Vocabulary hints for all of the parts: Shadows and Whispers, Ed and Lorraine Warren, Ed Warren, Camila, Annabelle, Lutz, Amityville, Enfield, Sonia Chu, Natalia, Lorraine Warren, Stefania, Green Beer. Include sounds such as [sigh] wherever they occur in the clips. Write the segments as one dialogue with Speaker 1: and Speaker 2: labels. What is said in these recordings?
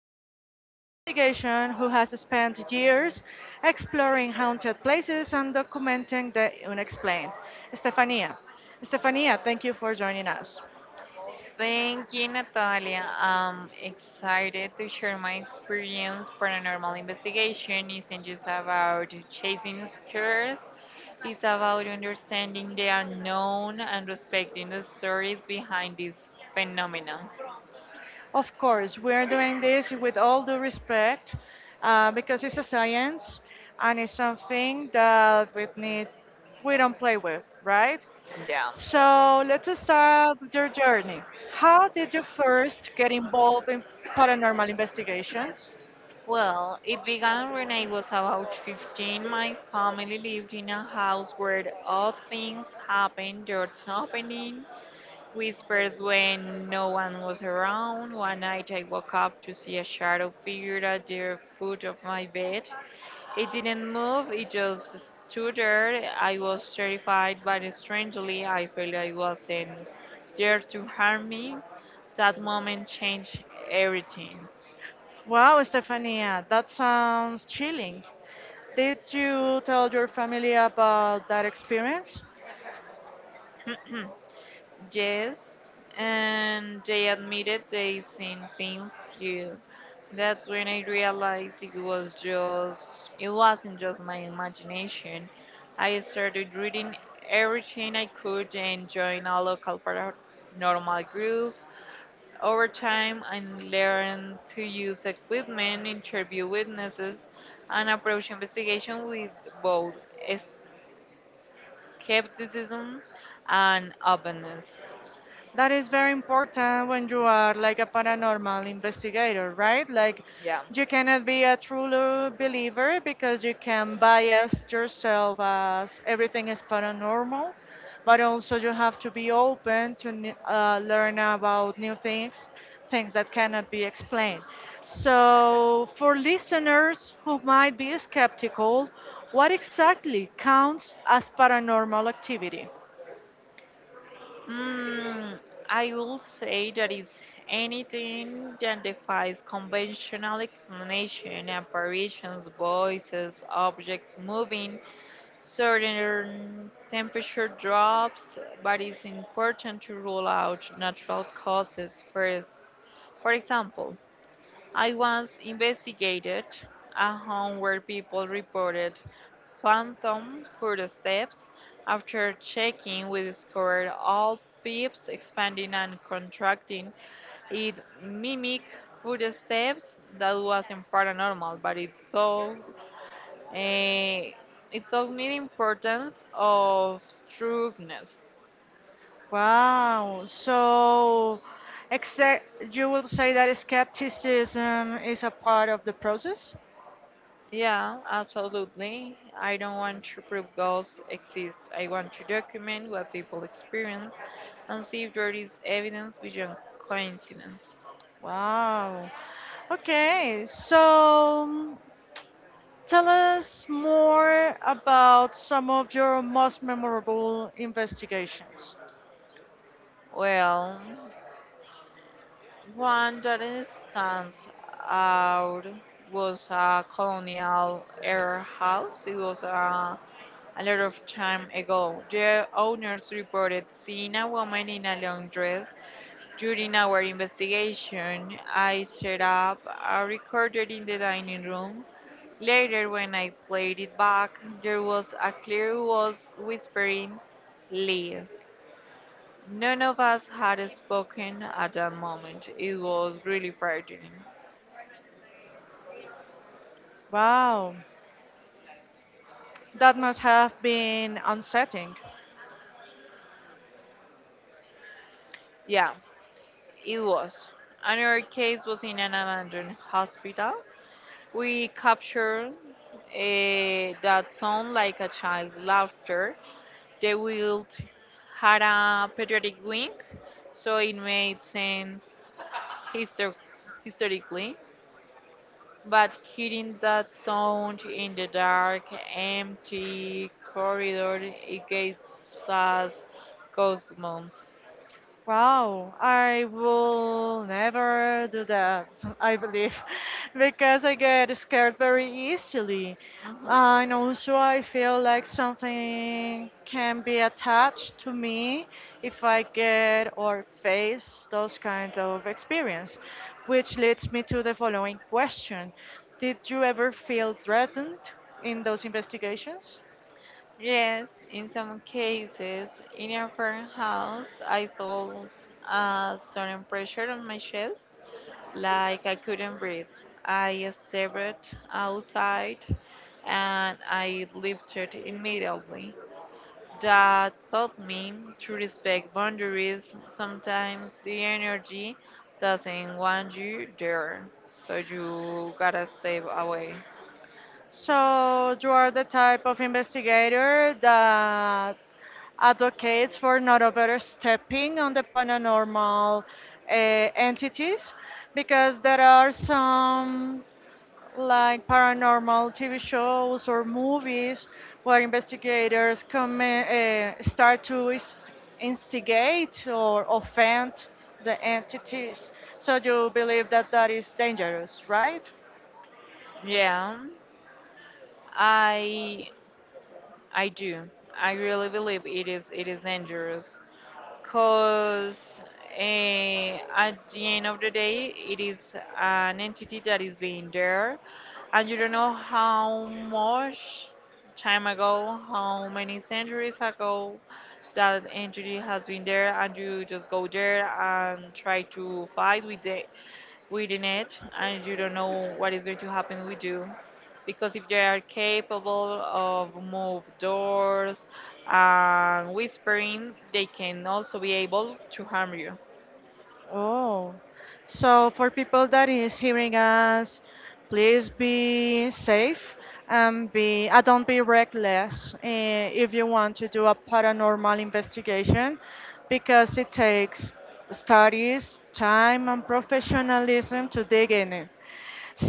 Speaker 1: seasoned investigation who has spent years exploring haunted places and documenting the unexplained, Stefania. Stefania, thank you for joining us.
Speaker 2: Thank you, Natalia. I'm excited to share my experience. Paranormal investigation isn't just about chasing scares, it's about understanding the unknown and respecting the stories behind this phenomenon.
Speaker 1: Of course, we are doing this with all due respect, because it's a science and it's something that we need, we don't play with, right?
Speaker 2: Yeah.
Speaker 1: So let's start your journey. How did you first get involved in paranormal investigations?
Speaker 2: Well, it began when I was about 15. My family lived in a house where odd things happened, doors opening, whispers when no one was around. One night I woke up to see a shadow figure at the foot of my bed. It didn't move, it just stood there. I was terrified, but strangely, I felt I wasn't there to harm me. That moment changed everything.
Speaker 1: Wow, Stefania, that sounds chilling. Did you tell your family about that experience?
Speaker 2: [clears throat] Yes, and they admitted they seen things too. That's when I realized it wasn't just my imagination. I started reading everything I could and joined a local paranormal group. Over time, I learned to use equipment, interview witnesses, and approach investigation with both skepticism and openness.
Speaker 1: That is very important when you are like a paranormal investigator, right? Like
Speaker 2: Yeah.
Speaker 1: you cannot be a true believer because you can bias yourself as everything is paranormal, but also you have to be open to learn about new things, things that cannot be explained. So, for listeners who might be skeptical, what exactly counts as paranormal activity?
Speaker 2: Mm, I will say that is anything that defies conventional explanation, apparitions, voices, objects moving, certain temperature drops, but it's important to rule out natural causes first. For example, I once investigated a home where people reported phantom footsteps. After checking, we discovered all pipes expanding and contracting. It mimicked footsteps that wasn't paranormal, but eh, it taught me the importance of trueness.
Speaker 1: Wow. So, except you will say that skepticism is a part of the process?
Speaker 2: Yeah, absolutely. I don't want to prove ghosts exist. I want to document what people experience and see if there is evidence beyond coincidence.
Speaker 1: Wow. Okay. So, tell us more about some of your most memorable investigations.
Speaker 2: Well, one that it stands out was a colonial era house. It was a lot of time ago. The owners reported seeing a woman in a long dress. During our investigation, I set up a recorder in the dining room. Later, when I played it back, there was a clear voice whispering, leave. None of us had spoken at that moment. It was really frightening.
Speaker 1: Wow. That must have been unsettling.
Speaker 2: Yeah, it was. Another case was in an abandoned hospital. We captured that sound like a child's laughter. They will had a patriotic wing, so it made sense histor- historically. But hearing that sound in the dark, empty corridor, it gave us goosebumps.
Speaker 1: Wow, I will never do that, [laughs] I believe, [laughs] because I get scared very easily. And
Speaker 2: Mhm.
Speaker 1: also, I feel like something can be attached to me if I get or face those kind of experience, which leads me to the following question. Did you ever feel threatened in those investigations?
Speaker 2: Yes, in some cases, in a farmhouse, I felt a sudden pressure on my chest, like I couldn't breathe. I stepped outside and I lifted immediately. That taught me to respect boundaries. Sometimes the energy doesn't want you there, so you gotta step away.
Speaker 1: So you are the type of investigator that advocates for not overstepping on the paranormal entities, because there are some like paranormal TV shows or movies where investigators come instigate or offend the entities. So you believe that that is dangerous, right?
Speaker 2: Yeah, I I do. I really believe it is dangerous, because at the end of the day, it is an entity that is being there, and you don't know how much time ago, how many centuries ago that entity has been there, and you just go there and try to fight with the within it, and you don't know what is going to happen with you because if they are capable of move doors and whispering, they can also be able to harm you.
Speaker 1: Oh, so for people that is hearing us, please be safe and be don't be reckless if you want to do a paranormal investigation because it takes studies, time, and professionalism to dig in it.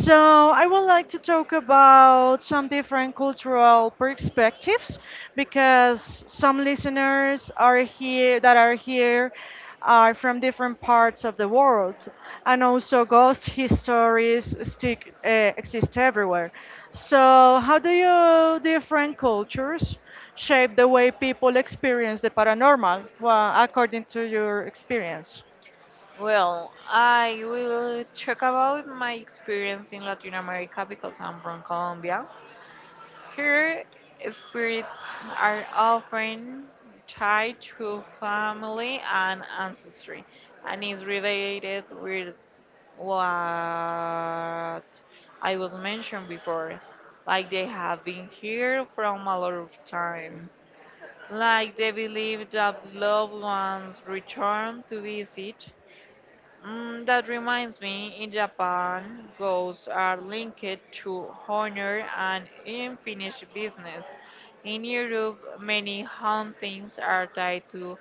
Speaker 1: So, I would like to talk about some different cultural perspectives because some listeners are here are from different parts of the world, and also ghost histories exist everywhere. So, how do you different cultures shape the way people experience the paranormal, well, according to your experience?
Speaker 2: Well, I will talk about my experience in Latin America because I'm from Colombia. Here spirits are often tied to family and ancestry, and is related with what I was mentioned before. Like they have been here from a lot of time. Like they believe that loved ones return to visit. Mm, that reminds me, in Japan, ghosts are linked to honor and unfinished business. In Europe, many hauntings are tied to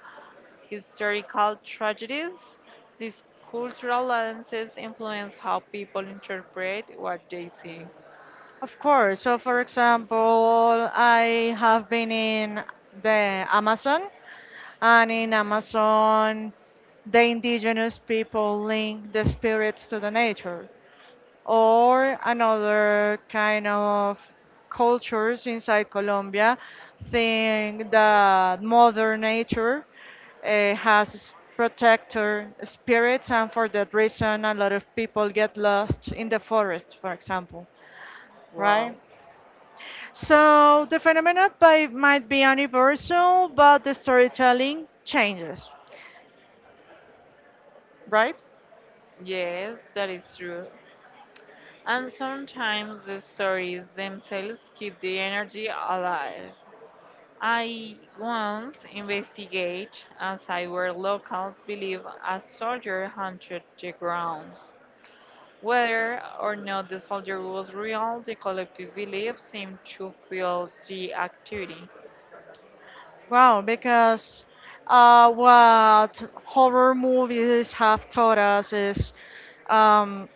Speaker 2: historical tragedies. These cultural lenses influence how people interpret what they see.
Speaker 1: Of course. So, for example, I have been in the Amazon, and in Amazon, the indigenous people link the spirits to the nature, or another kind of cultures inside Colombia think that Mother Nature has protector spirits, and for that reason, a lot of people get lost in the forest, for example,
Speaker 2: Wow.
Speaker 1: right? So the phenomenon might be universal, but the storytelling changes, right?
Speaker 2: Yes, that is true. And sometimes the stories themselves keep the energy alive. I once investigate as I were locals believe a soldier haunted the grounds. Whether or not the soldier was real, the collective belief seemed to fuel the activity.
Speaker 1: Wow, because what horror movies have taught us is, um,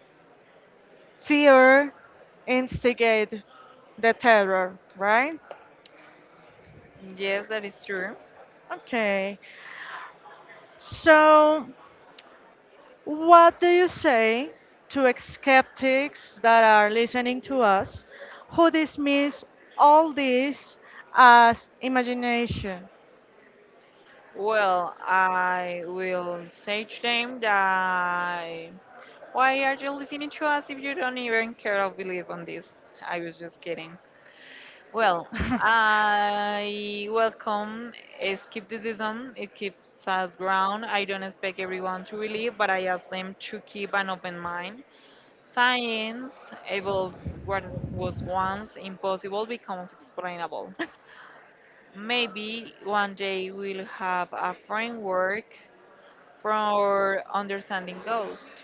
Speaker 1: fear instigate the terror, right?
Speaker 2: Yes, that is true.
Speaker 1: Okay. So what do you say to skeptics that are listening to us who dismiss all this as imagination?
Speaker 2: Well, I will say to them that why are you listening to us if you don't even care or believe on this? I was just kidding. Well, I welcome skepticism. It keeps us ground. I don't expect everyone to believe, but I ask them to keep an open mind. Science evolves. What was once impossible becomes explainable.
Speaker 1: [laughs]
Speaker 2: Maybe one day we'll have a framework for understanding ghosts.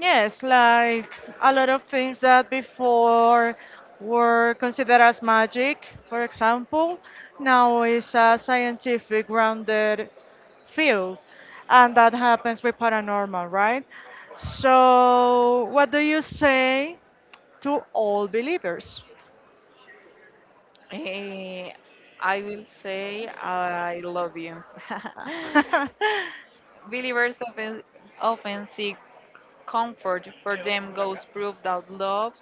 Speaker 1: Yes, like a lot of things that before were considered as magic, for example, now is a scientific grounded field, and that happens with paranormal, right? So, what do you say to all believers?
Speaker 2: Eh, I will say I love you. [laughs]
Speaker 1: Ah.
Speaker 2: Believers often, often seek comfort. For them, ghosts prove that
Speaker 1: [laughs]
Speaker 2: love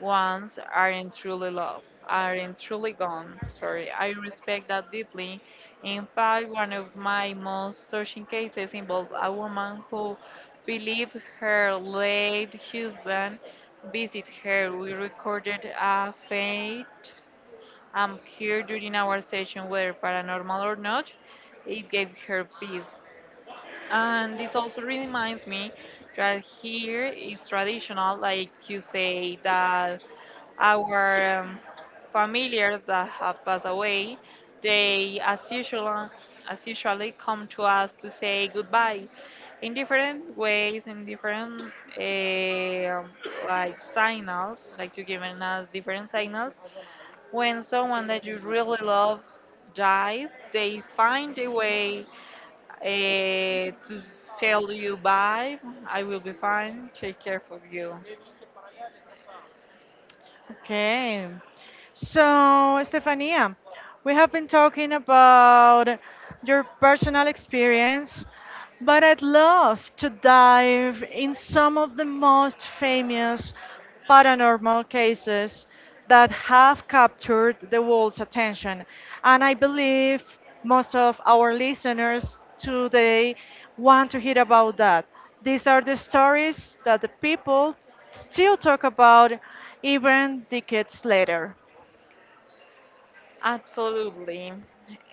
Speaker 2: ones aren't truly loved, aren't truly gone. Sorry, I respect that deeply. In fact, one of my most touching cases involved a woman who believed her late husband visited her. We recorded a faint here during our session, whether paranormal or not, it gave her peace. And this also reminds me that here is traditional, like you say, that our familiars that have passed away, they as usually come to us to say goodbye in different ways, in different um like signals, like to giving us different signals. When someone that you really love dies, they find a way uh, to tell you bye. I will be fine. Take care of you.
Speaker 1: Okay. So, Estefania, we have been talking about your personal experience, but I'd love to dive in some of the most famous paranormal cases that have captured the world's attention. And I believe most of our listeners today want to hear about that. These are the stories that the people still talk about even decades later.
Speaker 2: Absolutely.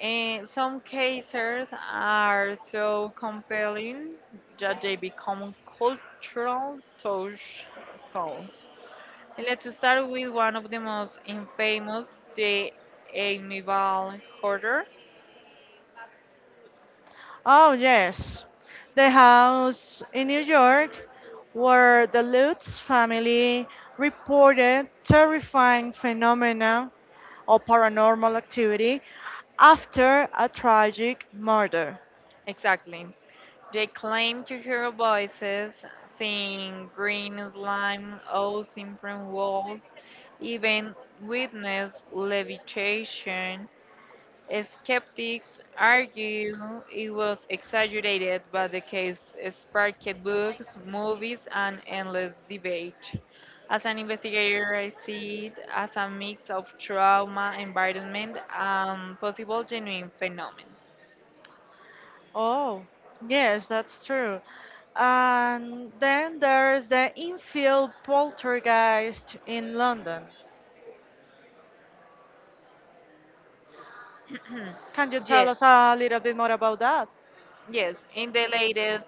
Speaker 2: And some cases are so compelling that they become cultural touchstones. And let's start with one of the most infamous, the Amiable Hoarder.
Speaker 1: Oh, yes, the house in New York where the Lutz family reported terrifying phenomena or paranormal activity after a tragic murder.
Speaker 2: Exactly. They claim to hear voices, seeing green slime, oaths in print walls, even witness levitation. Skeptics argue it was exaggerated, but the case sparked books, movies, and endless debate. As an investigator, I see it as a mix of trauma, environment, and possible genuine phenomenon.
Speaker 1: Oh, yes, that's true. And then there's the infield poltergeist in London. Can you
Speaker 2: [clears throat]
Speaker 1: tell
Speaker 2: Yes,
Speaker 1: us a little bit more about that?
Speaker 2: yes, in the latest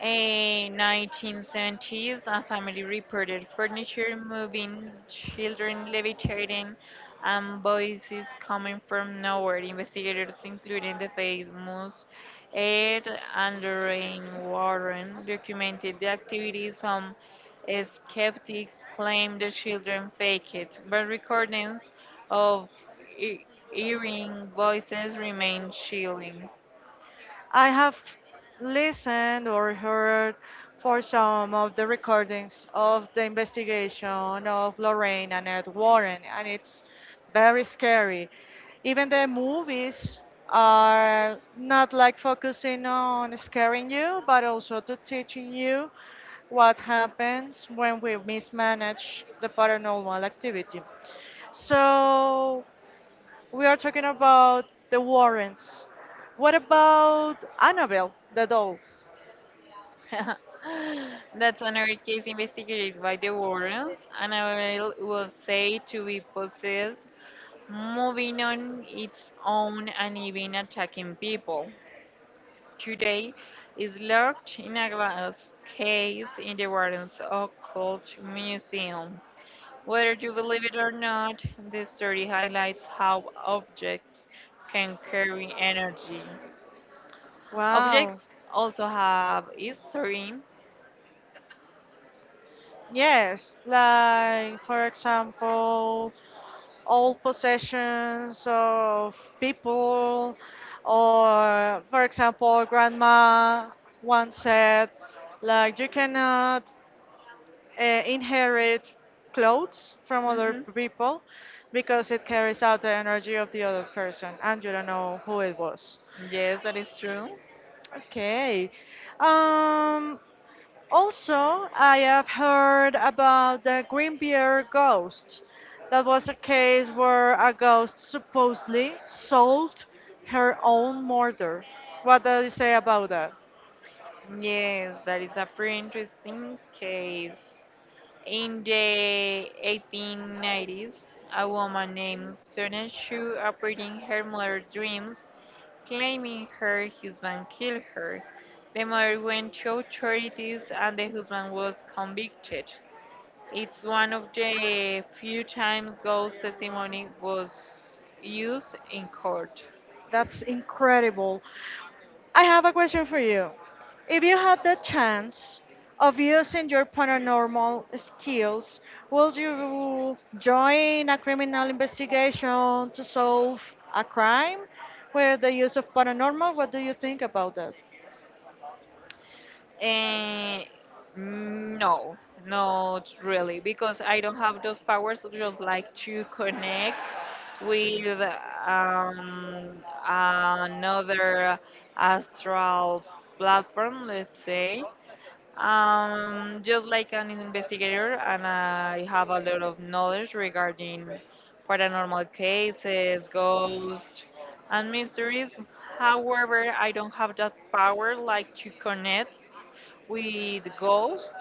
Speaker 2: in 1970s, a family reported furniture moving, children levitating, and voices coming from nowhere. Investigators, including the famous Ed and Lorraine Warren, documented the activities. Some skeptics claimed the children faked it, but recordings of he- hearing voices remain chilling.
Speaker 1: I have listened or heard for some of the recordings of the investigation of Lorraine and Ed Warren, and it's very scary. Even the movies are not like focusing on scaring you, but also to teaching you what happens when we mismanage the paranormal activity. So we are talking about the Warrens. What about Annabelle, the doll?
Speaker 2: [laughs] That's another case investigated by the Warrens, and I will was said to be possessed, moving on its own and even attacking people. Today, is locked in a glass case in the Warrens Occult Museum. Whether you believe it or not, this story highlights how objects can carry energy.
Speaker 1: Wow.
Speaker 2: Objects also have history.
Speaker 1: Yes, like for example, all possessions of people, or for example, grandma once said, like you cannot inherit clothes from other
Speaker 2: Mhm.
Speaker 1: people because it carries out the energy of the other person and you don't know who it was.
Speaker 2: Yes, that is true.
Speaker 1: Okay. Um, also, I have heard about the Green Beer ghost. That was a case where a ghost supposedly sold her own murder. What do you say about that?
Speaker 2: Yes, that is a pretty interesting case. In the 1890s, a woman named Sonia Chu appeared in her mother's dreams, claiming her husband killed her. The mother went to authorities and the husband was convicted. It's one of the few times ghost testimony was used in court.
Speaker 1: That's incredible. I have a question for you. If you had the chance of using your paranormal skills, would you join a criminal investigation to solve a crime with the use of paranormal? What do you think about that?
Speaker 2: Eh, no, not really, because I don't have those powers. Just like to connect with another astral platform, let's say. Just like an investigator, and I have a lot of knowledge regarding paranormal cases, ghosts, and mysteries. However, I don't have that power like to connect with Ghost.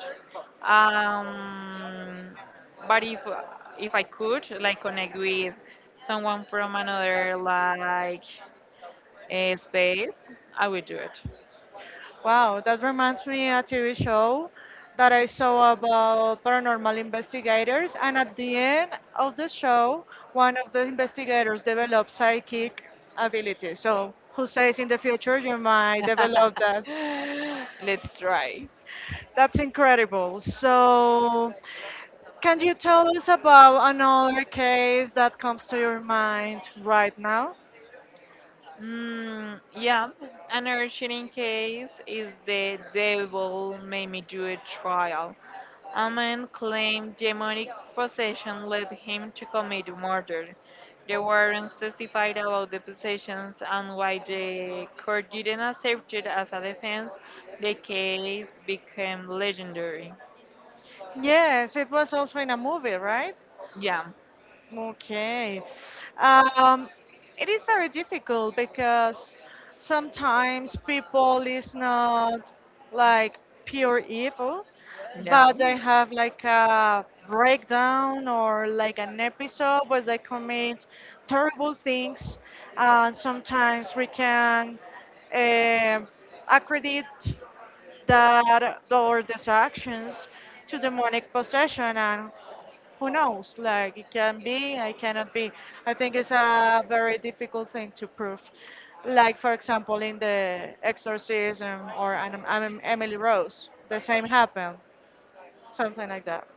Speaker 2: Um, but if I could like connect with someone from another like space, I would do it.
Speaker 1: Wow, that reminds me a TV show that I saw about paranormal investigators, and at the end of the show, one of the investigators developed psychic ability. So who says in the future you might develop that?
Speaker 2: [laughs] Let's try.
Speaker 1: That's incredible. So can you tell us about another case that comes to your mind right now?
Speaker 2: Mm, yeah, another cheating case is the devil made me do a trial. A man claimed demonic possession led him to commit murder. The warrants testified about the possessions and why the court didn't accept it as a defense. The case became legendary.
Speaker 1: Yes, it was also in a movie, right?
Speaker 2: Yeah,
Speaker 1: Okay. Um, it is very difficult because sometimes people is not like pure evil,
Speaker 2: yeah.
Speaker 1: but they have like a breakdown or like an episode where they commit terrible things. And sometimes we can um accredit that or these actions to demonic possession and who knows? Like it can be, I cannot be. I think it's a very difficult thing to prove. Like for example, in the Exorcism or Emily Rose, the same happened, something like that.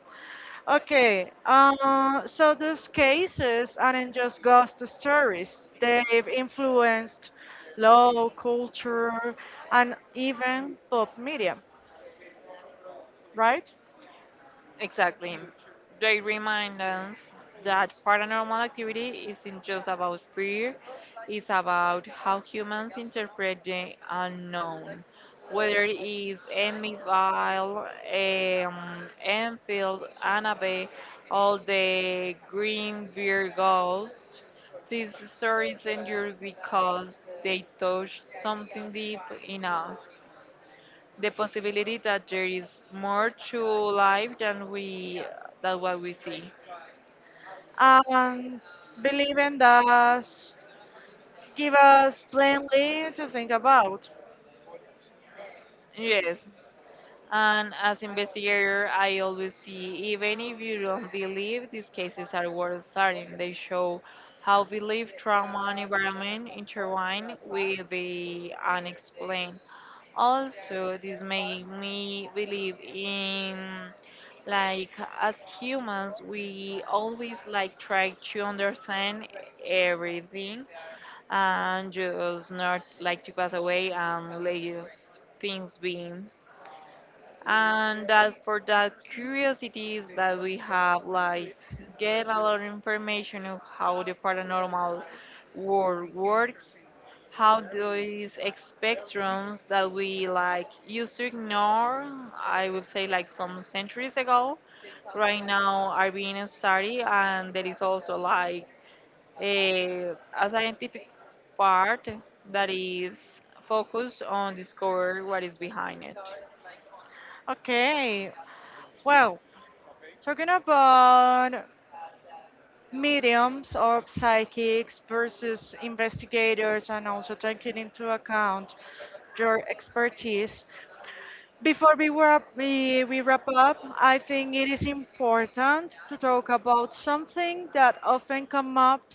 Speaker 1: Okay, so those cases aren't just ghost stories. They've influenced law, culture, and even pop media, right?
Speaker 2: Exactly. They remind us that paranormal activity isn't just about fear, it's about how humans interpret the unknown, whether it is Amityville, Enfield, Annabelle, all the Green Beer Ghost. These stories endure because they touch something deep in us, the possibility that there is more to life than we than what we see.
Speaker 1: And believing that give us plenty to think about.
Speaker 2: Yes. And as investigator, I always see, even if you don't believe, these cases are worth studying. They show how belief, trauma, and environment intertwine with the unexplained. Also, this made me believe in like as humans we always like try to understand everything and just not like to pass away and leave things being. And that for that curiosities that we have, like get a lot of information of how the paranormal world works, how these spectrums that we like used to ignore, I would say like some centuries ago, right now are being studied, and there is also like is a scientific part that is focused on discover what is behind it.
Speaker 1: Okay, well, talking about mediums or psychics versus investigators, and also taking into account your expertise. Before we wrap up, I think it is important to talk about something that often comes up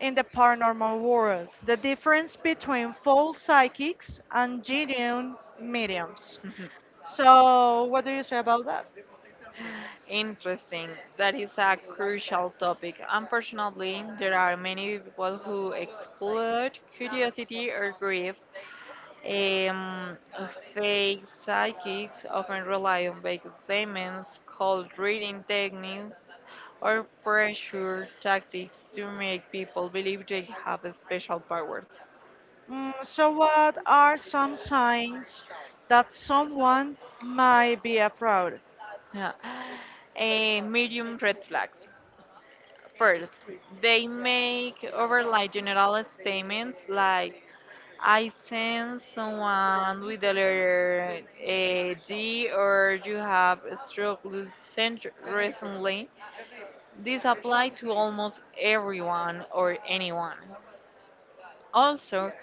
Speaker 1: in the paranormal world, the difference between false psychics and genuine mediums.
Speaker 2: [laughs]
Speaker 1: So, what do you say about that?
Speaker 2: Interesting. That is a crucial topic. Unfortunately, there are many people who exploit curiosity or grief. Um, Fake psychics often rely on vague statements, cold reading techniques, or pressure tactics to make people believe they have special powers.
Speaker 1: Mm, so, what are some signs that someone might be a fraud?
Speaker 2: Yeah. Medium red flags. First, they make overly general statements like I sense someone with the letter G, or you have recently. This apply to almost everyone or anyone. Also,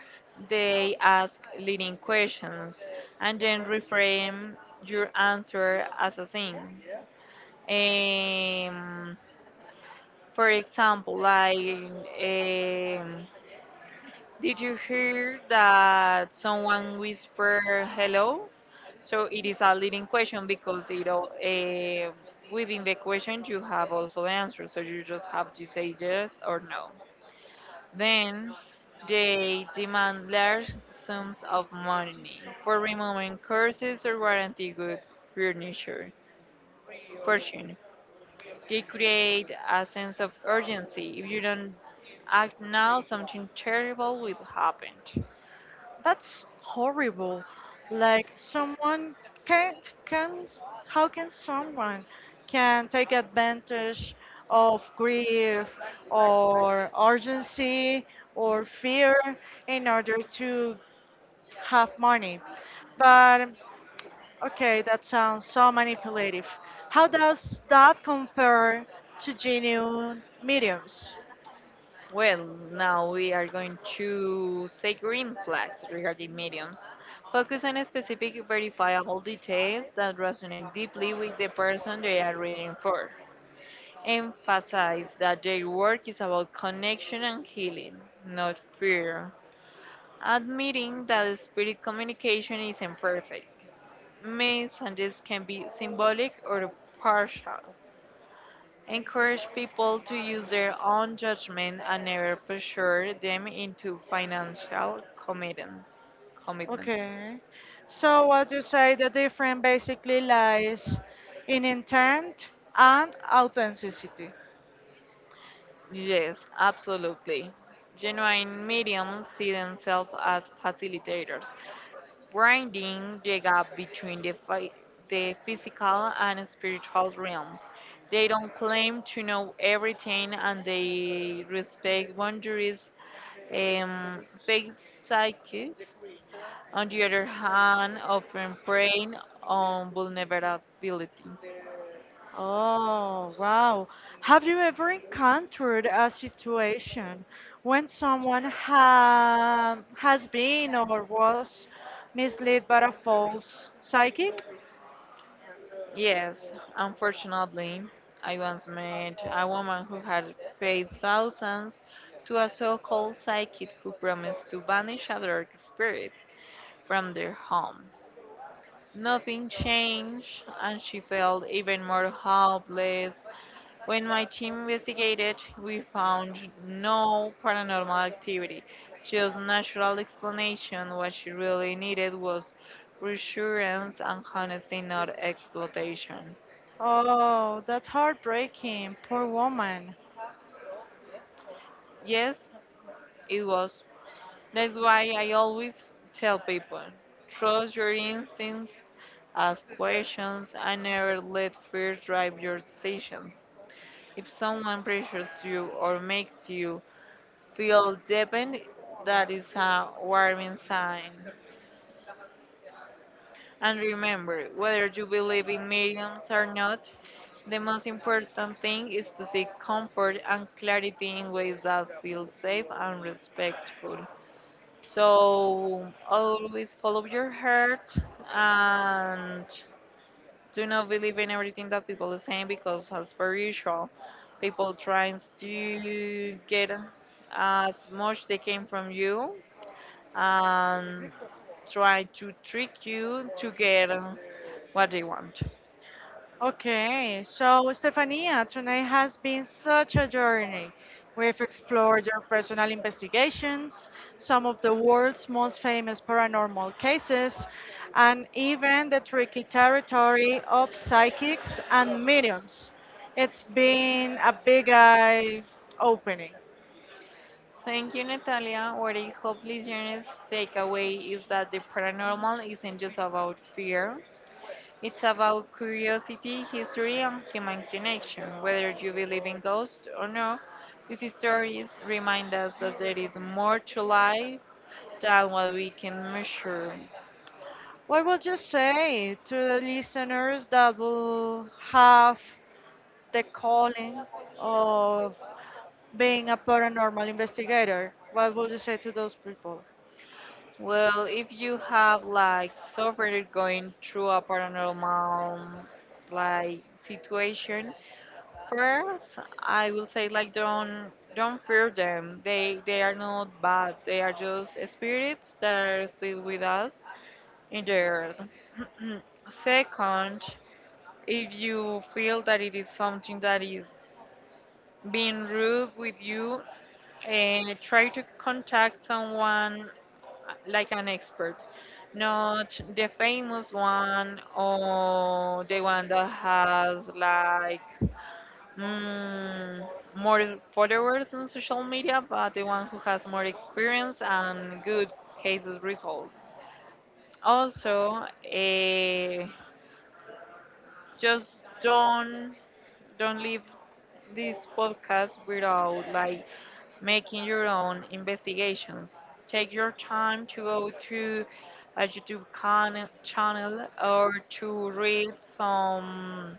Speaker 2: they ask leading questions and then reframe your answer as a thing. Um, For example, like, um, did you hear that someone whispered hello? So it is a leading question because it all, within the question you have also the answer. So you just have to say yes or no. Then they demand large sums of money for removing curses or guarantee good furniture. Fortune. They create a sense of urgency. If you don't act now, something terrible will happen.
Speaker 1: That's horrible. Like someone can can how can someone can take advantage of grief or urgency or fear in order to have money? But okay, that sounds so manipulative. How does that compare to genuine mediums?
Speaker 2: Well, now we are going to say green flags regarding mediums. Focus on specific verifiable details that resonate deeply with the person they are reading for. Emphasize that their work is about connection and healing, not fear. Admitting that spirit communication is imperfect. Messages can be symbolic or partial. Encourage people to use their own judgment and never pressure them into commitments.
Speaker 1: Okay. So what you say the difference basically lies in intent and authenticity.
Speaker 2: Yes, absolutely. Genuine mediums see themselves as facilitators, bridging the gap between the physical and spiritual realms. They don't claim to know everything and they respect boundaries. Fake psychics, on the other hand, often preying on vulnerability.
Speaker 1: Oh, wow. Have you ever encountered a situation when someone ha has been or was misled by a false psychic?
Speaker 2: Yes, unfortunately, I once met a woman who had paid thousands to a so called psychic who promised to banish a dark spirit from their home. Nothing changed, and she felt even more hopeless. When my team investigated, we found no paranormal activity, just natural explanation. What she really needed was reassurance and honesty, not exploitation.
Speaker 1: Oh, that's heartbreaking. Poor woman.
Speaker 2: Yes, it was. That's why I always tell people, trust your instincts, ask questions, and never let fear drive your decisions. If someone pressures you or makes you feel deepened, that is a warning sign. And remember, whether you believe in mediums or not, the most important thing is to seek comfort and clarity in ways that feel safe and respectful. So always follow your heart and do not believe in everything that people are saying, because as per usual, people trying to get as much they can from you and try to trick you to get what they want.
Speaker 1: Okay, so Stefania, tonight has been such a journey. We've explored your personal investigations, some of the world's most famous paranormal cases, and even the tricky territory of psychics and mediums. It's been a big eye opening.
Speaker 2: Thank you, Natalia. What I hope listeners take away is that the paranormal isn't just about fear. It's about curiosity, history, and human connection. Whether you believe in ghosts or not, these stories remind us that there is more to life than what we can measure.
Speaker 1: What would you say to the listeners that will have the calling of being a paranormal investigator, what would you say to those people?
Speaker 2: Well, if you have like suffered going through a paranormal like situation, first I will say like don't fear them. They are not bad. They are just spirits that are still with us in the earth. [clears throat] Mm, Second, if you feel that it is something that is being rude with you, and try to contact someone like an expert, not the famous one or the one that has like mm, more followers on social media, but the one who has more experience and good cases result. Also, eh, just don't leave this podcast without like making your own investigations. Take your time to go to a channel or to read some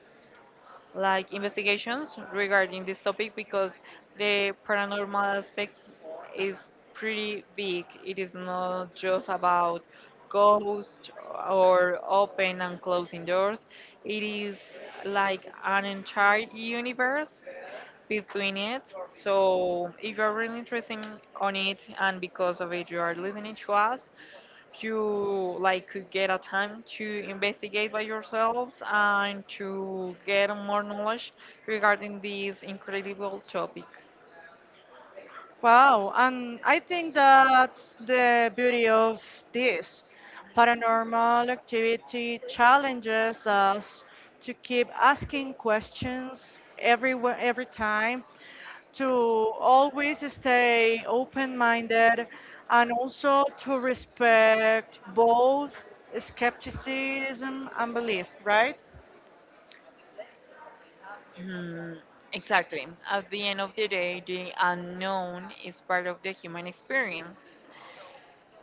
Speaker 2: like investigations regarding this topic, because the paranormal aspects is pretty big. It is not just about ghosts or open and closing doors. It is like an entire universe between it. So if you're really on it, and because of it you are listening to us, you like could get a time to investigate by yourselves and to get more knowledge regarding this incredible topic.
Speaker 1: Wow, and I think that's the beauty of this. Paranormal activity challenges us to keep asking questions every time, to always stay open-minded, and also to respect both skepticism and belief, right?
Speaker 2: Hmm, exactly. At the end of the day, the unknown is part of the human experience.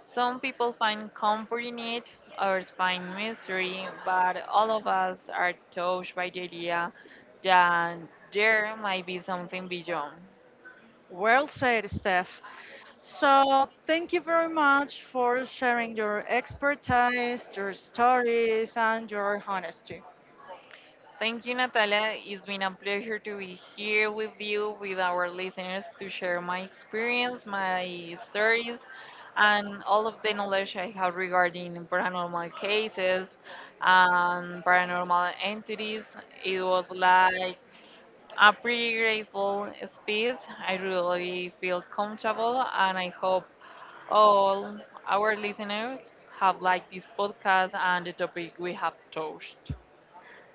Speaker 2: Some people find comfort in it, others find misery, but all of us are touched by the idea that there might be something beyond.
Speaker 1: Well said, Steph. So, thank you very much for sharing your expertise, your stories, and your honesty.
Speaker 2: Thank you, Natalia. It's been a pleasure to be here with you, with our listeners, to share my experience, my stories, and all of the knowledge I have regarding paranormal cases and paranormal entities. It was like a pretty grateful space. I really feel comfortable, and I hope all our listeners have liked this podcast and the topic we have touched.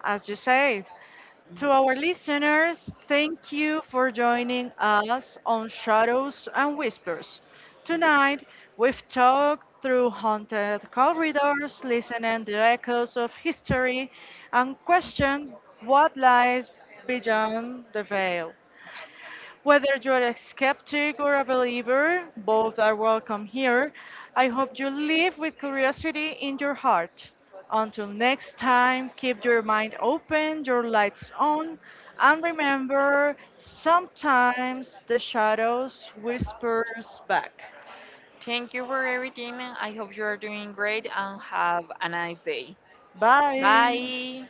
Speaker 1: As you said, to our listeners, thank you for joining us on Shadows and Whispers. Tonight, we've talked through haunted corridors, listening the echoes of history, and questioned what lies beyond the veil. Whether you're a skeptic or a believer, both are welcome here. I hope you live with curiosity in your heart. Until next time, keep your mind open, your lights on, and remember sometimes the shadows whispers back.
Speaker 2: Thank you for everything. I hope you are doing great and have a nice day.
Speaker 1: Bye.
Speaker 2: Bye.